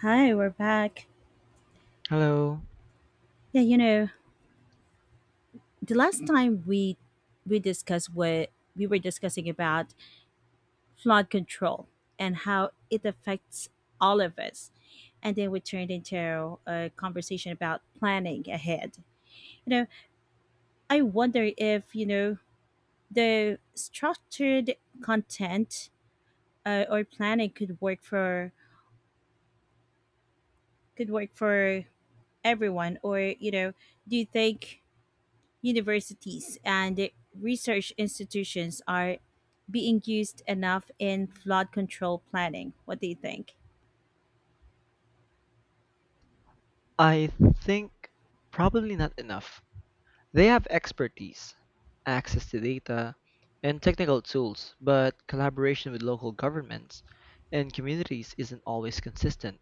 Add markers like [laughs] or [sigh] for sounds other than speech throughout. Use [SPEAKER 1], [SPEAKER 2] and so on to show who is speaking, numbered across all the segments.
[SPEAKER 1] Hi, we're back.
[SPEAKER 2] Hello.
[SPEAKER 1] Yeah, the last time we discussed what we were discussing about flood control and how it affects all of us. And then we turned into a conversation about planning ahead. You know, I wonder if, the structured content or planning could work for everyone , or, do you think universities and research institutions are being used enough in flood control planning? What do you think?
[SPEAKER 2] I think probably not enough. They have expertise, access to data, and technical tools, but collaboration with local governments and communities isn't always consistent.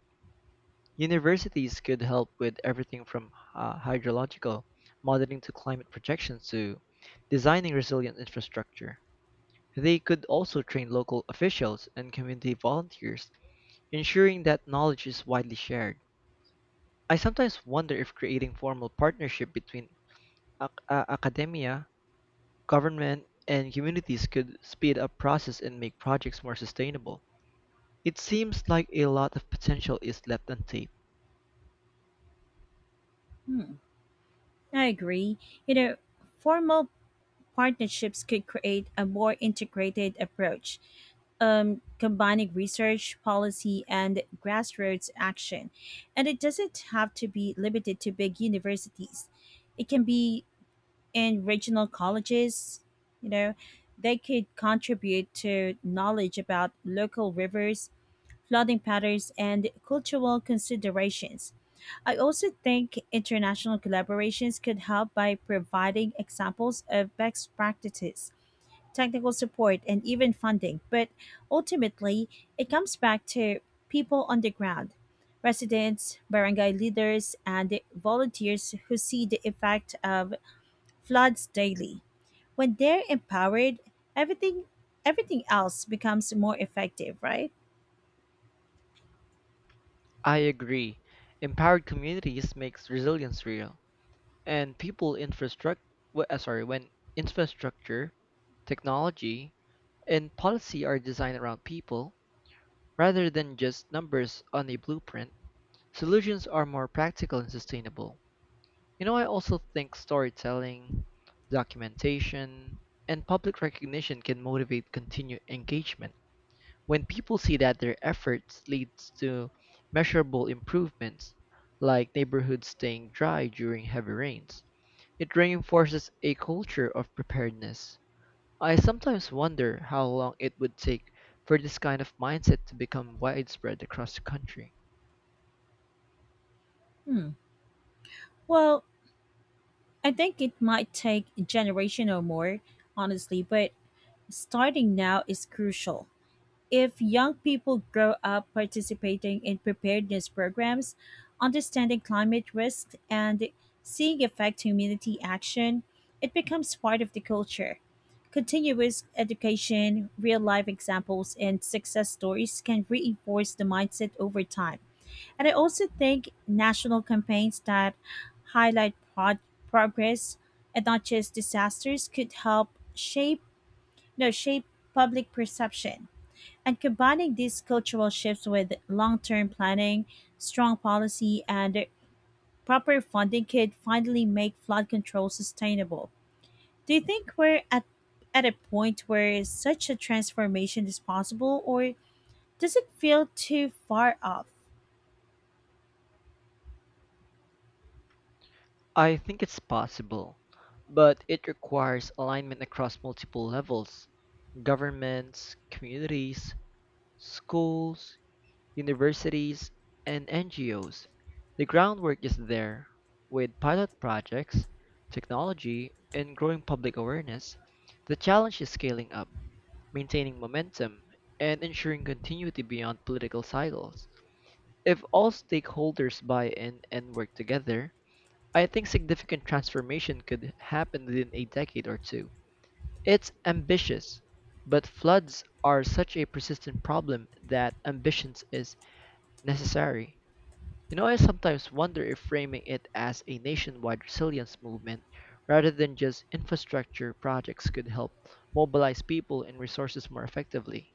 [SPEAKER 2] Universities could help with everything from hydrological modeling to climate projections to designing resilient infrastructure. They could also train local officials and community volunteers, ensuring that knowledge is widely shared. I sometimes wonder if creating formal partnership between academia, government, and communities could speed up process and make projects more sustainable. It seems like a lot of potential is left untapped.
[SPEAKER 1] Hmm, I agree. You know, Formal partnerships could create a more integrated approach, combining research, policy, and grassroots action. And it doesn't have to be limited to big universities. It can be in regional colleges. you know, they could contribute to knowledge about local rivers, flooding patterns, and cultural considerations. I also think international collaborations could help by providing examples of best practices, technical support, and even funding. But ultimately, it comes back to people on the ground. Residents, barangay leaders, and volunteers who see the effect of floods daily. When they're empowered, everything everything else becomes more effective, right?
[SPEAKER 2] I agree. Empowered communities makes resilience real, and people infrastructure sorry, when infrastructure, technology, and policy are designed around people rather than just numbers on a blueprint, solutions are more practical and sustainable. You know, I also think storytelling, documentation, and public recognition can motivate continued engagement. When people see that their efforts leads to measurable improvements, like neighborhoods staying dry during heavy rains, it reinforces a culture of preparedness. I sometimes wonder how long it would take for this kind of mindset to become widespread across the country.
[SPEAKER 1] Hmm. Well, I think it might take a generation or more, honestly, but starting now is crucial. If young people grow up participating in preparedness programs, understanding climate risks, and seeing effect community action, it becomes part of the culture. Continuous education, real life examples, and success stories can reinforce the mindset over time. And I also think national campaigns that highlight progress and not just disasters could help shape no shape public perception. And combining these cultural shifts with long term planning, strong policy, and proper funding could finally make flood control sustainable. Do you think we're at a point where such a transformation is possible, or does it feel too far off?
[SPEAKER 2] I think it's possible, but it requires alignment across multiple levels governments, communities, schools, universities, and NGOs. The groundwork is there. With pilot projects, technology, and growing public awareness, the challenge is scaling up, maintaining momentum, and ensuring continuity beyond political cycles. If all stakeholders buy in and work together, I think significant transformation could happen within a decade or two. It's ambitious, but floods are such a persistent problem that ambitions is necessary. You know, I sometimes wonder if framing it as a nationwide resilience movement rather than just infrastructure projects could help mobilize people and resources more effectively.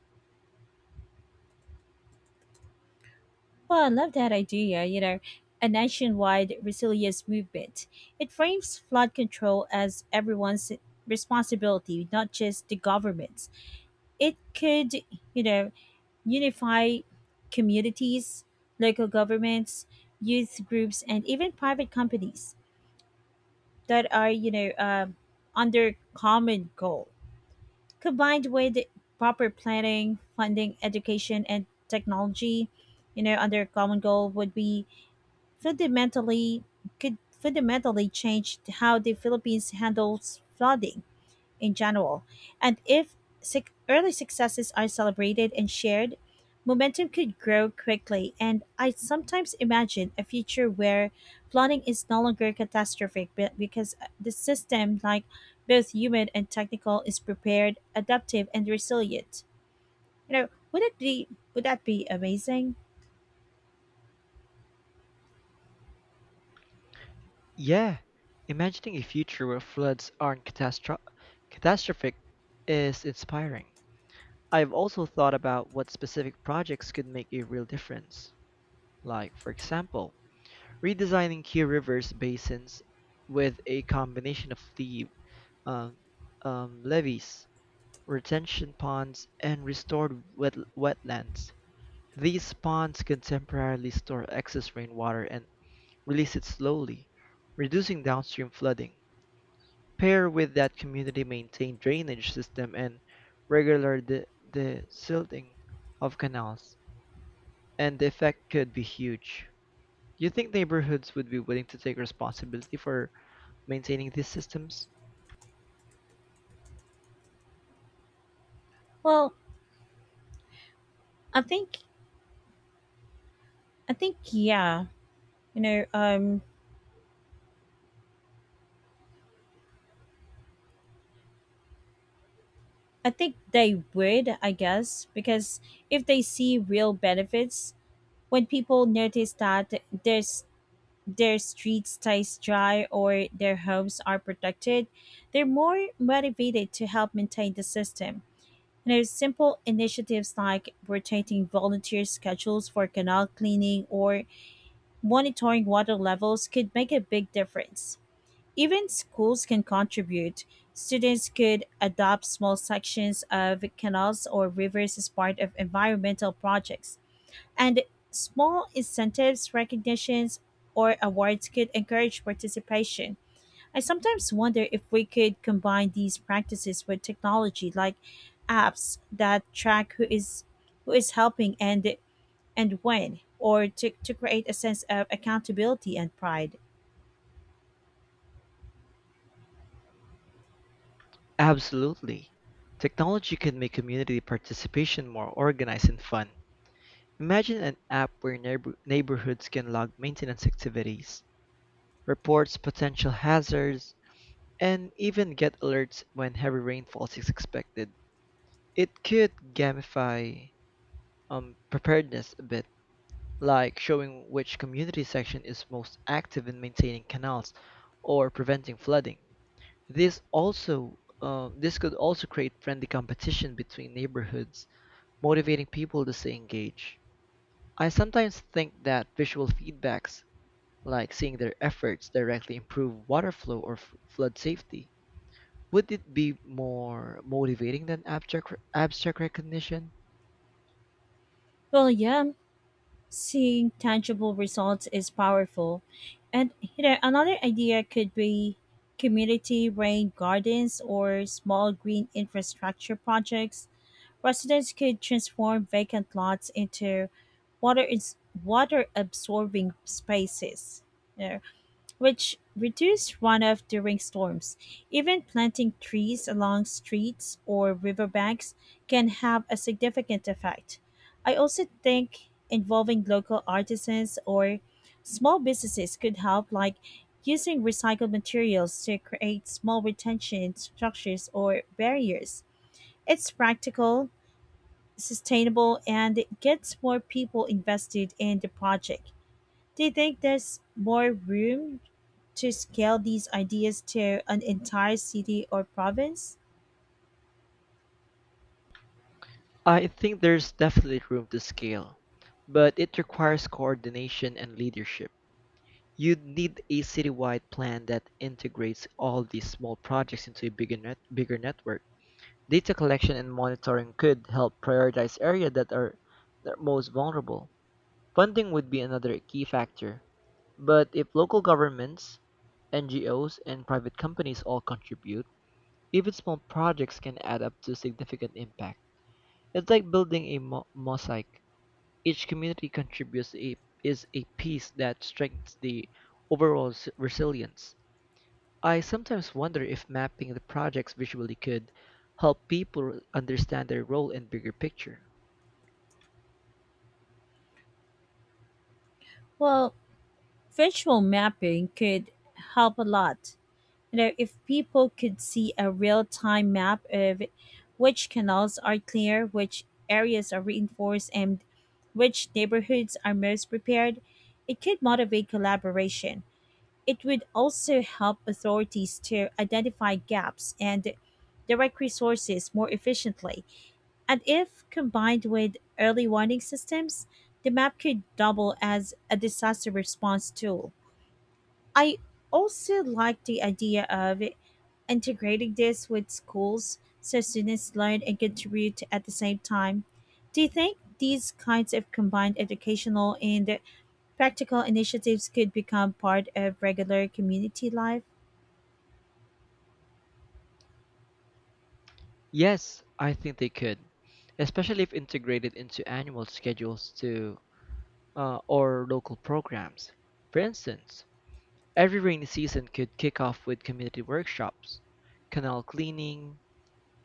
[SPEAKER 1] Well, I love that idea. A nationwide resilience movement. It frames flood control as everyone's responsibility, not just the government's. It could, you know, unify communities, local governments, youth groups, and even private companies that are, under common goal. Combined with proper planning, funding, education, and technology, under common goal would be fundamentally fundamentally change how the Philippines handles flooding in general. And if suc early successes are celebrated and shared, momentum could grow quickly. And I sometimes imagine a future where flooding is no longer catastrophic but because the system, like both human and technical, is prepared, adaptive, and resilient. You know, would that be amazing?
[SPEAKER 2] Yeah, imagining a future where floods aren't catastro- catastrophic is inspiring. I've also thought about what specific projects could make a real difference. Like, for example, redesigning key rivers basins with a combination of um, levees, retention ponds, and restored wetlands. These ponds can temporarily store excess rainwater and release it slowly, reducing downstream flooding. Pair with that community maintained drainage system and regular desilting of canals and the effect could be huge. Do you think neighborhoods would be willing to take responsibility for maintaining these systems?
[SPEAKER 1] Well, I think I think yeah. You know, um I think they would, I guess, because if they see real benefits. When people notice that their, their street stays dry or their homes are protected, they're more motivated to help maintain the system. And there's simple initiatives like rotating volunteer schedules for canal cleaning or monitoring water levels could make a big difference. Even schools can contribute. Students could adopt small sections of canals or rivers as part of environmental projects. And small incentives, recognitions, or awards could encourage participation. I sometimes wonder if we could combine these practices with technology like apps that track who is helping and when or to create a sense of accountability and pride.
[SPEAKER 2] Absolutely. Technology can make community participation more organized and fun. Imagine an app where neighborhoods can log maintenance activities, reports potential hazards, and even get alerts when heavy rainfall is expected. It could gamify preparedness a bit like showing which community section is most active in maintaining canals or preventing flooding. This also this could also create friendly competition between neighborhoods, motivating people to stay engaged. I sometimes think that visual feedbacks, like seeing their efforts directly improve water flow or flood safety, would it be more motivating than abstract recognition?
[SPEAKER 1] Well, yeah, seeing tangible results is powerful. And another idea could be community rain gardens or small green infrastructure projects. Residents could transform vacant lots into water is water absorbing spaces. You know, which reduced runoff during storms. Even planting trees along streets or riverbanks can have a significant effect. I also think involving local artisans or small businesses could help, like using recycled materials to create small retention structures or barriers. It's practical, sustainable, and it gets more people invested in the project. Do you think there's more room to scale these ideas to an entire city or province?
[SPEAKER 2] I think there's definitely room to scale, but it requires coordination and leadership. You'd need a citywide plan that integrates all these small projects into a bigger network. Data collection and monitoring could help prioritize areas that are most vulnerable. Funding would be another key factor, but if local governments, NGOs, and private companies all contribute, even small projects can add up to significant impact. It's like building a mosaic each community contributes is a piece that strengthens the resilience. I sometimes wonder if mapping the projects visually could help people understand their role in bigger picture.
[SPEAKER 1] Well, visual mapping could help a lot. If people could see a real time map of which canals are clear, which areas are reinforced, and which neighborhoods are most prepared, it could motivate collaboration. It would also help authorities to identify gaps and direct resources more efficiently. And if combined with early warning systems, the map could double as a disaster response tool. I also like the idea of integrating this with schools so students learn and contribute at the same time. Do you think these kinds of combined educational and practical initiatives could become part of regular community life?
[SPEAKER 2] Yes, I think they could, especially if integrated into annual schedules too. Or local programs. For instance, every rainy season could kick off with community workshops, canal cleaning,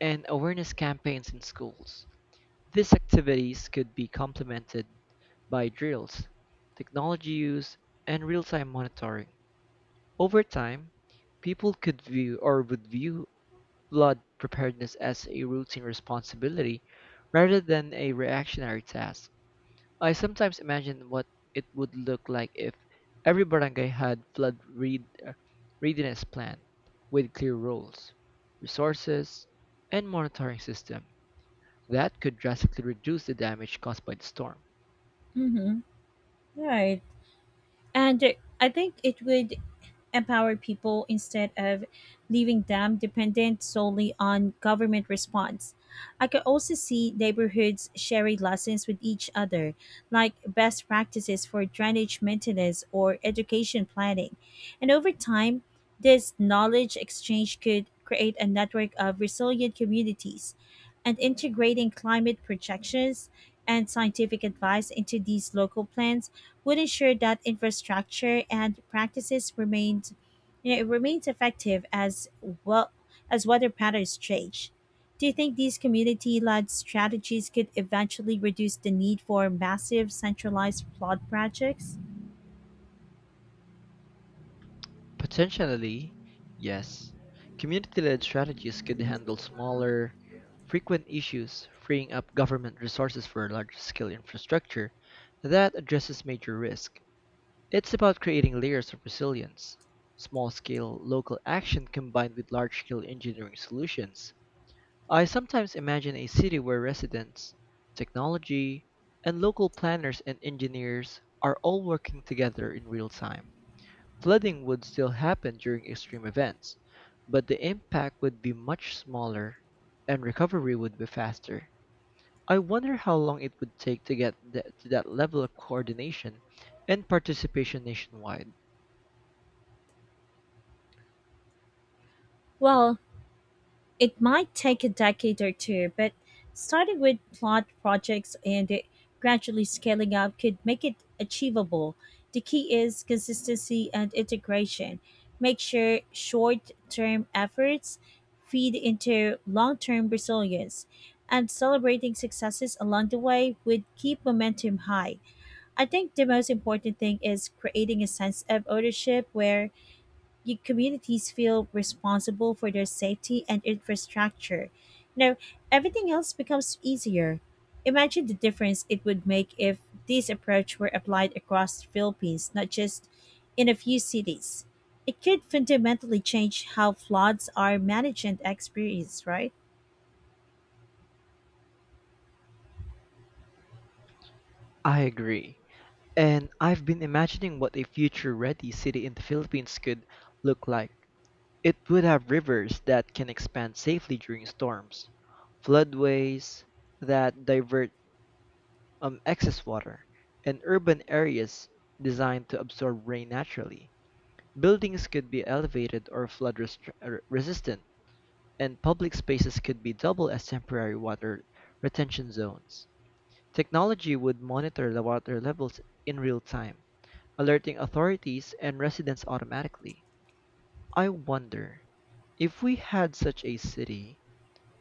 [SPEAKER 2] and awareness campaigns in schools. These activities could be complemented by drills, technology use, and real time monitoring. Over time, people could view or would view flood preparedness as a routine responsibility rather than a reactionary task. I sometimes imagine what it would look like if every barangay had readiness plan with clear roles, resources, and monitoring system that could drastically reduce the damage caused by the storm.
[SPEAKER 1] Mm-hmm. Right. And I think it would empower people instead of leaving them dependent solely on government response. I could also see neighborhoods sharing lessons with each other, like best practices for drainage maintenance or education planning. And over time, this knowledge exchange could create a network of resilient communities. And integrating climate projections and scientific advice into these local plans would ensure that infrastructure and practices it remains effective as well as weather patterns change. Do you think these community led strategies could eventually reduce the need for massive centralized flood projects?
[SPEAKER 2] Potentially, yes, community-led strategies could handle smaller, frequent issues, freeing up government resources for larger-scale infrastructure that addresses major risk. It's about creating layers of resilience. Small scale local action combined with large scale engineering solutions. I sometimes imagine a city where residents, technology, and local planners and engineers are all working together in real time. Flooding would still happen during extreme events, but the impact would be much smaller and recovery would be faster. I wonder how long it would take to to that level of coordination and participation nationwide.
[SPEAKER 1] Well, it might take a decade or two, but starting with plot projects and it gradually scaling up could make it achievable. The key is consistency and integration. Make sure short term efforts feed into long term resilience, and celebrating successes along the way would keep momentum high. I think the most important thing is creating a sense of ownership where communities feel responsible for their safety and infrastructure. Now, everything else becomes easier. Imagine the difference it would make if this approach were applied across the Philippines, not just in a few cities. It could fundamentally change how floods are managed and experienced, right?
[SPEAKER 2] I agree. And I've been imagining what a future ready city in the Philippines could look like. It would have rivers that can expand safely during storms, floodways that divert excess water, and urban areas designed to absorb rain naturally. Buildings could be elevated or resistant, and public spaces could be double as temporary water retention zones. Technology would monitor the water levels in real time alerting authorities and residents automatically. I wonder, if we had such a city,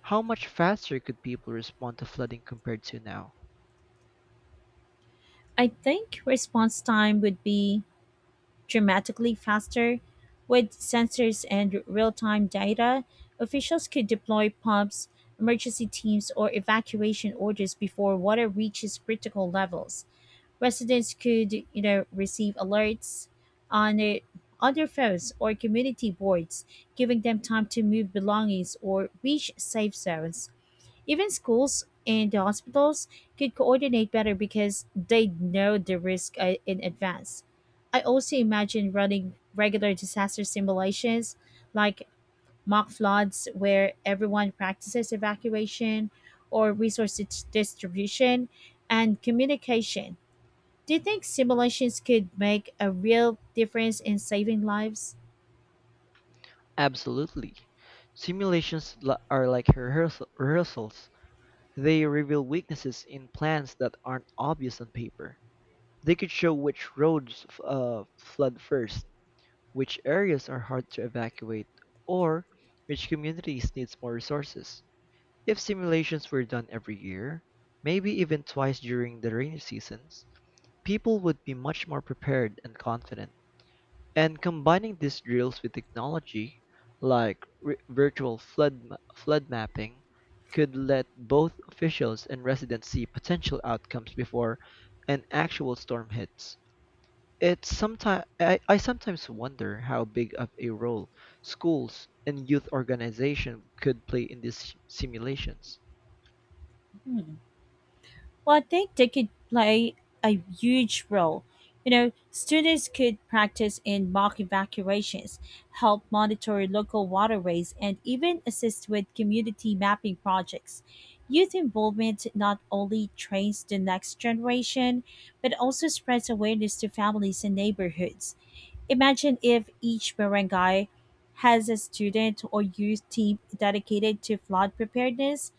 [SPEAKER 2] how much faster could people respond to flooding compared to now?
[SPEAKER 1] I think response time would be dramatically faster. With sensors and real time data, officials could deploy pumps, emergency teams, or evacuation orders before water reaches critical levels. Residents could, receive alerts on their phones or community boards, giving them time to move belongings or reach safe zones. Even schools and hospitals could coordinate better because they know the risk, in advance. I also imagine running regular disaster simulations like mock floods where everyone practices evacuation or resource distribution and communication. Do you think simulations could make a real difference in saving lives?
[SPEAKER 2] Absolutely. Simulations are like rehearsals. They reveal weaknesses in plans that aren't obvious on paper. They could show which flood first, which areas are hard to evacuate, or which communities needs more resources. If simulations were done every year, maybe even twice during the rainy seasons, people would be much more prepared and confident. And combining these drills with technology, like flood mapping, could let both officials and residents see potential outcomes before an actual storm hits. It's sometimes I sometimes wonder how big of a role schools and youth organization could play in these simulations.
[SPEAKER 1] Well, I think they could play a huge role. Students could practice in mock evacuations, help monitor local waterways, and even assist with community mapping projects. Youth involvement not only trains the next generation, but also spreads awareness to families and neighborhoods. Imagine if each barangay has a student or youth team dedicated to flood preparedness.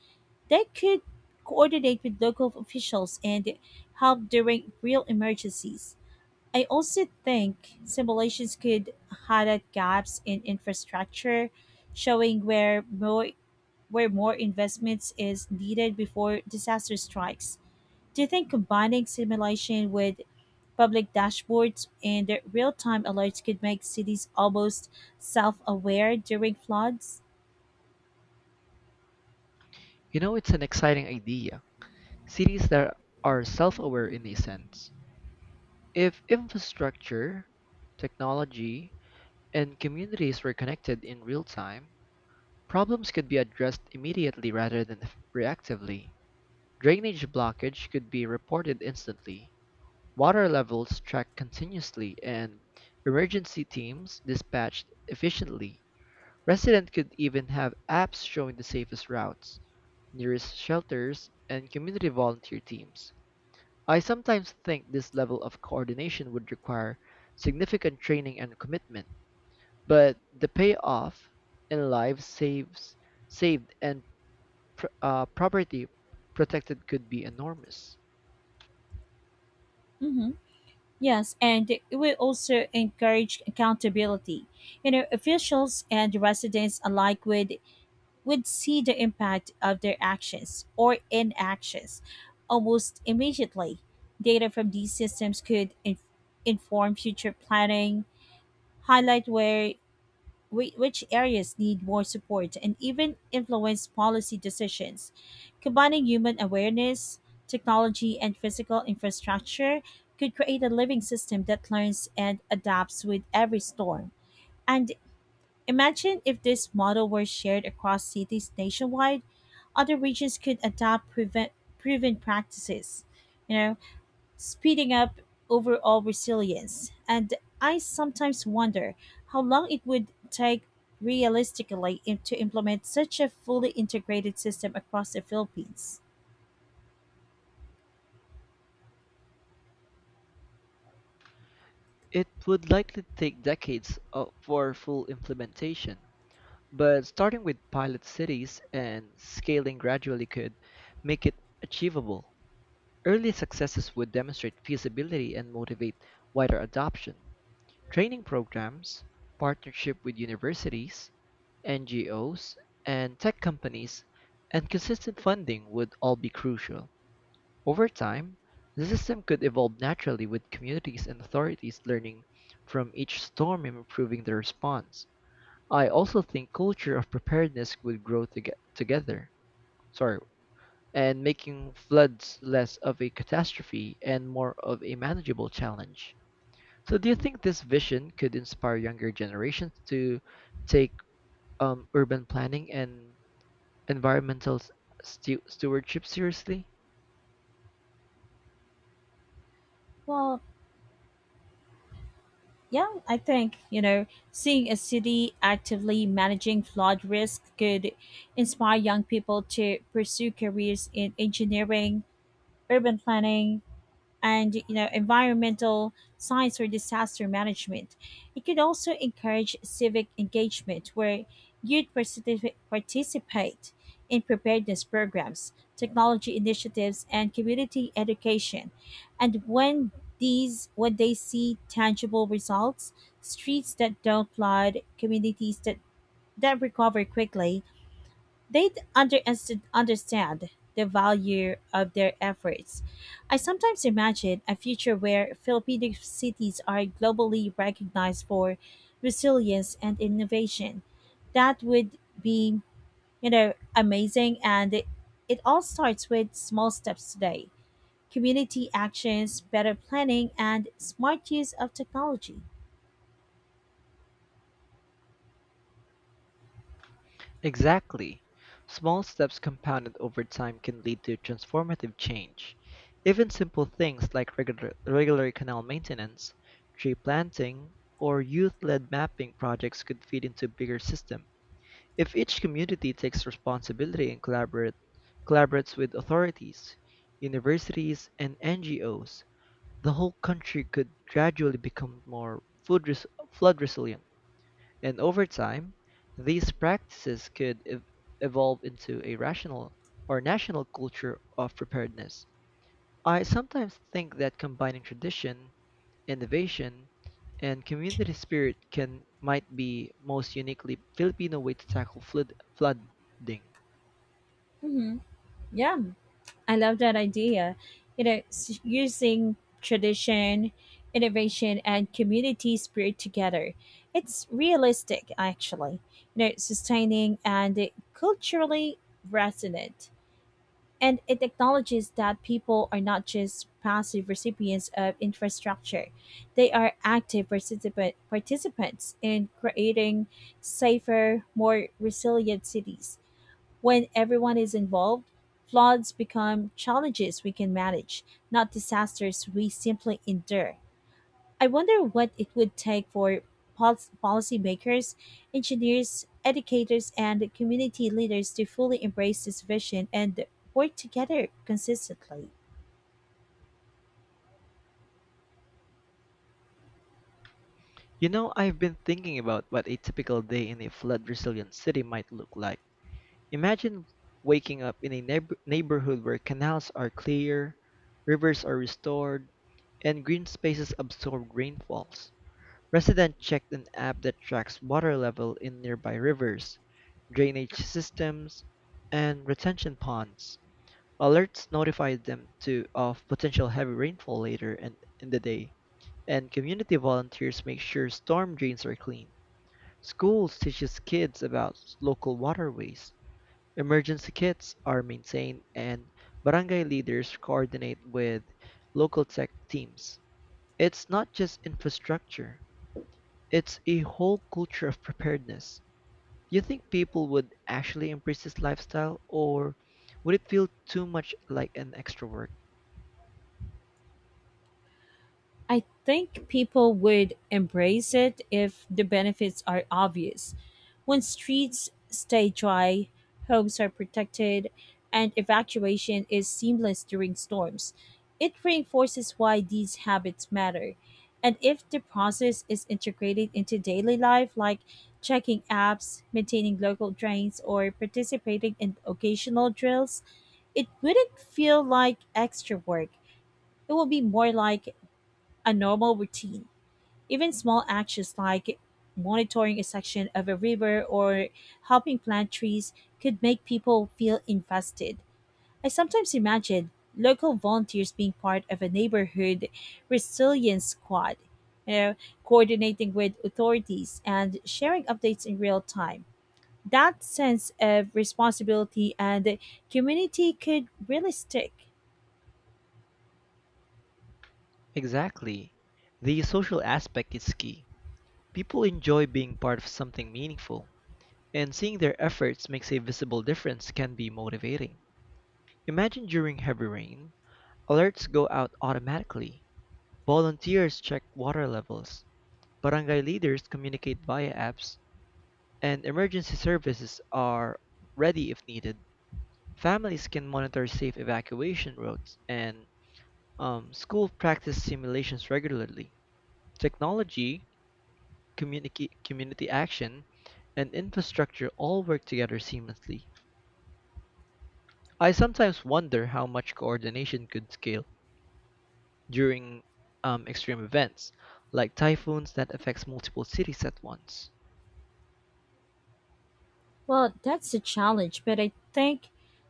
[SPEAKER 1] They could coordinate with local officials and help during real emergencies. I also think simulations could highlight gaps in infrastructure, showing where more investments is needed before disaster strikes. Do you think combining simulation with public dashboards and real-time alerts could make cities almost self-aware during floods?
[SPEAKER 2] You know, it's an exciting idea. Cities that are self-aware in a sense. If infrastructure, technology, and communities were connected in real time, problems could be addressed immediately rather than reactively. Drainage blockage could be reported instantly, water levels tracked continuously, and emergency teams dispatched efficiently. Residents could even have apps showing the safest routes, nearest shelters, and community volunteer teams. I sometimes think this level of coordination would require significant training and commitment, but the payoff in saved and property protected could be enormous.
[SPEAKER 1] Mhm. Yes, and it will also encourage accountability. Officials and residents alike would see the impact of their actions or inactions almost immediately. Data from these systems could inform future planning, highlight which areas need more support and even influence policy decisions. Combining human awareness, technology, and physical infrastructure could create a living system that learns and adapts with every storm. And imagine if this model were shared across cities nationwide, other regions could adopt proven practices. You know, speeding up overall resilience. And I sometimes wonder how long it would take realistically, to implement such a fully integrated system across the Philippines.
[SPEAKER 2] It would likely take for full implementation. But starting with pilot cities and scaling gradually could make it achievable. Early successes would demonstrate feasibility and motivate wider adoption. Training programs, partnership with universities, NGOs, and tech companies, and consistent funding would all be crucial. Over time, the system could evolve naturally with communities and authorities learning from each storm and improving their response. I also think culture of preparedness would grow together, sorry, and making floods less of a catastrophe and more of a manageable challenge. So, do you think this vision could inspire younger generations to take urban planning and environmental stewardship seriously?
[SPEAKER 1] Well, yeah, I think, seeing a city actively managing flood risk could inspire young people to pursue careers in engineering, urban planning, and environmental science or disaster management. It could also encourage civic engagement where youth participate in preparedness programs, technology initiatives, and community education. And when these when they see tangible results, streets that don't flood, communities that recover quickly, they understand the value of their efforts. I sometimes imagine a future where Filipino cities are globally recognized for resilience and innovation. That would be, amazing, and it all starts with small steps today. Community actions, better planning and smart use of technology.
[SPEAKER 2] Exactly. Small steps compounded over time can lead to transformative change. Even simple things like regular canal maintenance, tree planting, or youth-led mapping projects could feed into a bigger system. If each community takes responsibility and collaborates with authorities, universities, and NGOs, the whole country could gradually become more flood resilient. And over time, these practices could evolve into a rational or national culture of preparedness. I sometimes think that combining tradition, innovation, and community spirit can might be most uniquely Filipino way to tackle flood flooding.
[SPEAKER 1] Mm-hmm. Yeah. I love that idea. Using tradition, innovation, and community spirit together. It's realistic, actually. Sustaining and culturally resonant. And it acknowledges that people are not just passive recipients of infrastructure, they are active participants in creating safer, more resilient cities. When everyone is involved, floods become challenges we can manage, not disasters we simply endure. I wonder what it would take for pol- policymakers, engineers, educators, and community leaders to fully embrace this vision and work together consistently.
[SPEAKER 2] You know, I've been thinking about what a typical day in a flood resilient city might look like. Imagine waking up in a neighborhood where canals are clear, rivers are restored, and green spaces absorb rainfalls. Residents checked an app that tracks water level in nearby rivers, drainage systems, and retention ponds. Alerts notify them to of potential heavy rainfall later in the day, and community volunteers make sure storm drains are clean. Schools teaches kids about local waterways. Emergency kits are maintained and barangay leaders coordinate with local tech teams. It's not just infrastructure, it's a whole culture of preparedness. Do you think people would actually embrace this lifestyle or would it feel too much like an extra work?
[SPEAKER 1] I think people would embrace it if the benefits are obvious. When streets stay dry, homes are protected, and evacuation is seamless during storms, it reinforces why these habits matter. And if the process is integrated into daily life, like checking apps, maintaining local drains, or participating in occasional drills, it wouldn't feel like extra work. It will be more like a normal routine. Even small actions like monitoring a section of a river or helping plant trees could make people feel invested. I sometimes imagine local volunteers being part of a neighborhood resilience squad, you know, coordinating with authorities and sharing updates in real time. That sense of responsibility and community could really stick.
[SPEAKER 2] Exactly. The social aspect is key. People enjoy being part of something meaningful and seeing their efforts makes a visible difference can be motivating. Imagine during heavy rain, alerts go out automatically, volunteers check water levels, barangay leaders communicate via apps, and emergency services are ready if needed. Families can monitor safe evacuation routes, and school practice simulations regularly. Technology, community action, and infrastructure all work together seamlessly. I sometimes wonder how much coordination could scale during extreme events, like typhoons that affects multiple cities at once.
[SPEAKER 1] Well, that's a challenge, but I think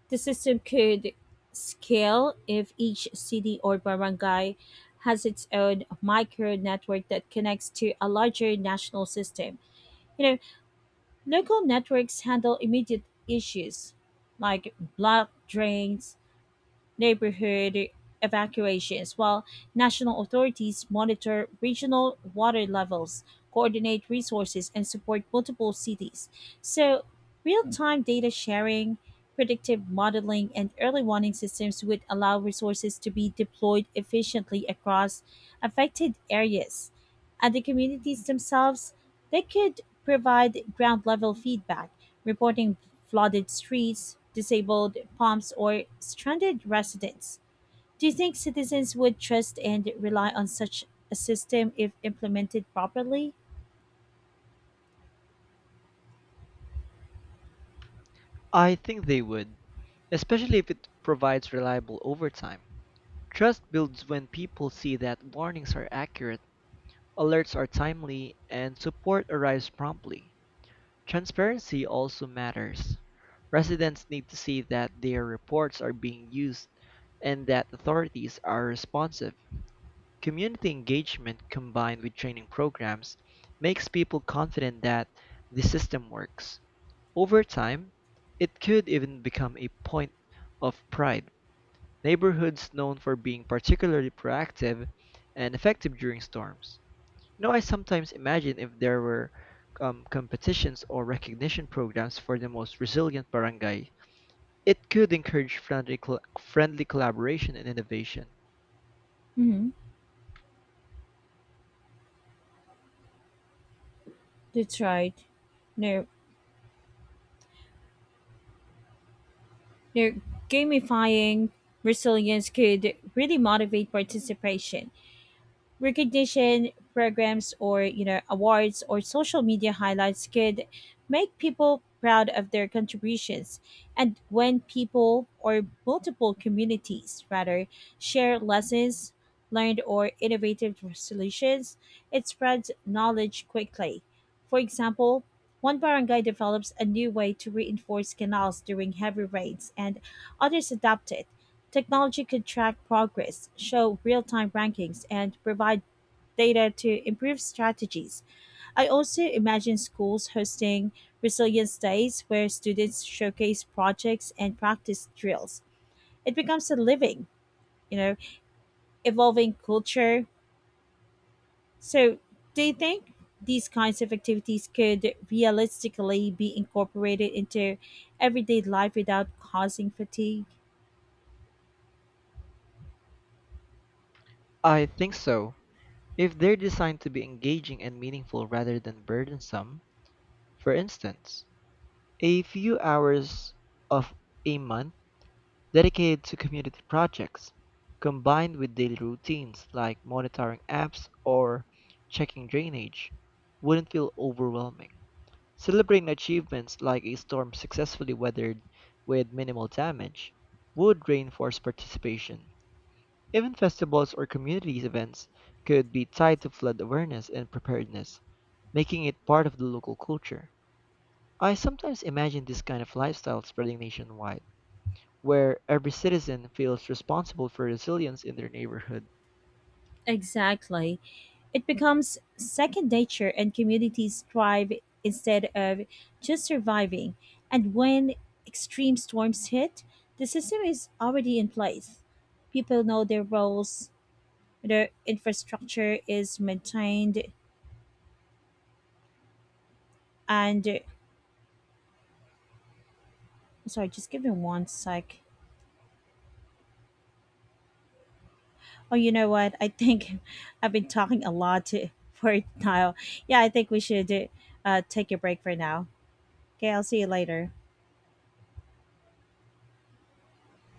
[SPEAKER 1] the system could scale if each city or barangay has its own micro network that connects to a larger national system. You know, Local networks handle immediate issues like block drains, neighborhood evacuations, while national authorities monitor regional water levels, coordinate resources, and support multiple cities. So, real time data sharing, predictive modeling, and early warning systems would allow resources to be deployed efficiently across affected areas, and the communities themselves, they could provide ground level feedback, reporting flooded streets, disabled pumps, or stranded residents. Do you think citizens would trust and rely on such a system if implemented properly?
[SPEAKER 2] I think they would, especially if it provides reliable overtime. Trust builds when people see that warnings are accurate, alerts are timely, and support arrives promptly. Transparency also matters. Residents need to see that their reports are being used and that authorities are responsive. Community engagement combined with training programs makes people confident that the system works. Over time, it could even become a point of pride. Neighborhoods known for being particularly proactive and effective during storms. You know, I sometimes imagine if there were competitions or recognition programs for the most resilient barangay, it could encourage friendly collaboration and innovation.
[SPEAKER 1] Mm-hmm. That's right. No, no, gamifying resilience could really motivate participation. Recognition programs or awards or social media highlights could make people proud of their contributions. And when people, or multiple communities rather, share lessons learned or innovative solutions, it spreads knowledge quickly. For example, one barangay develops a new way to reinforce canals during heavy rains and others adopt it. Technology could track progress, show real-time rankings, and provide data to improve strategies. I also imagine schools hosting resilience days where students showcase projects and practice drills. It becomes a living, you know, evolving culture. So, do you think these kinds of activities could realistically be incorporated into everyday life without causing fatigue?
[SPEAKER 2] I think so. If they're designed to be engaging and meaningful rather than burdensome, for instance, a few hours of a month dedicated to community projects, combined with daily routines like monitoring apps or checking drainage, wouldn't feel overwhelming. Celebrating achievements like a storm successfully weathered with minimal damage would reinforce participation. Even festivals or community events could be tied to flood awareness and preparedness, making it part of the local culture. I sometimes imagine this kind of lifestyle spreading nationwide, where every citizen feels responsible for resilience in their neighborhood.
[SPEAKER 1] Exactly. It becomes second nature and communities thrive instead of just surviving. And when extreme storms hit, the system is already in place. People know their roles, their infrastructure is maintained, and sorry, just give me one sec. Oh, you know what? I think [laughs] I've been talking a lot [laughs] for now. Yeah, I think we should, take a break for now. Okay, I'll see you later.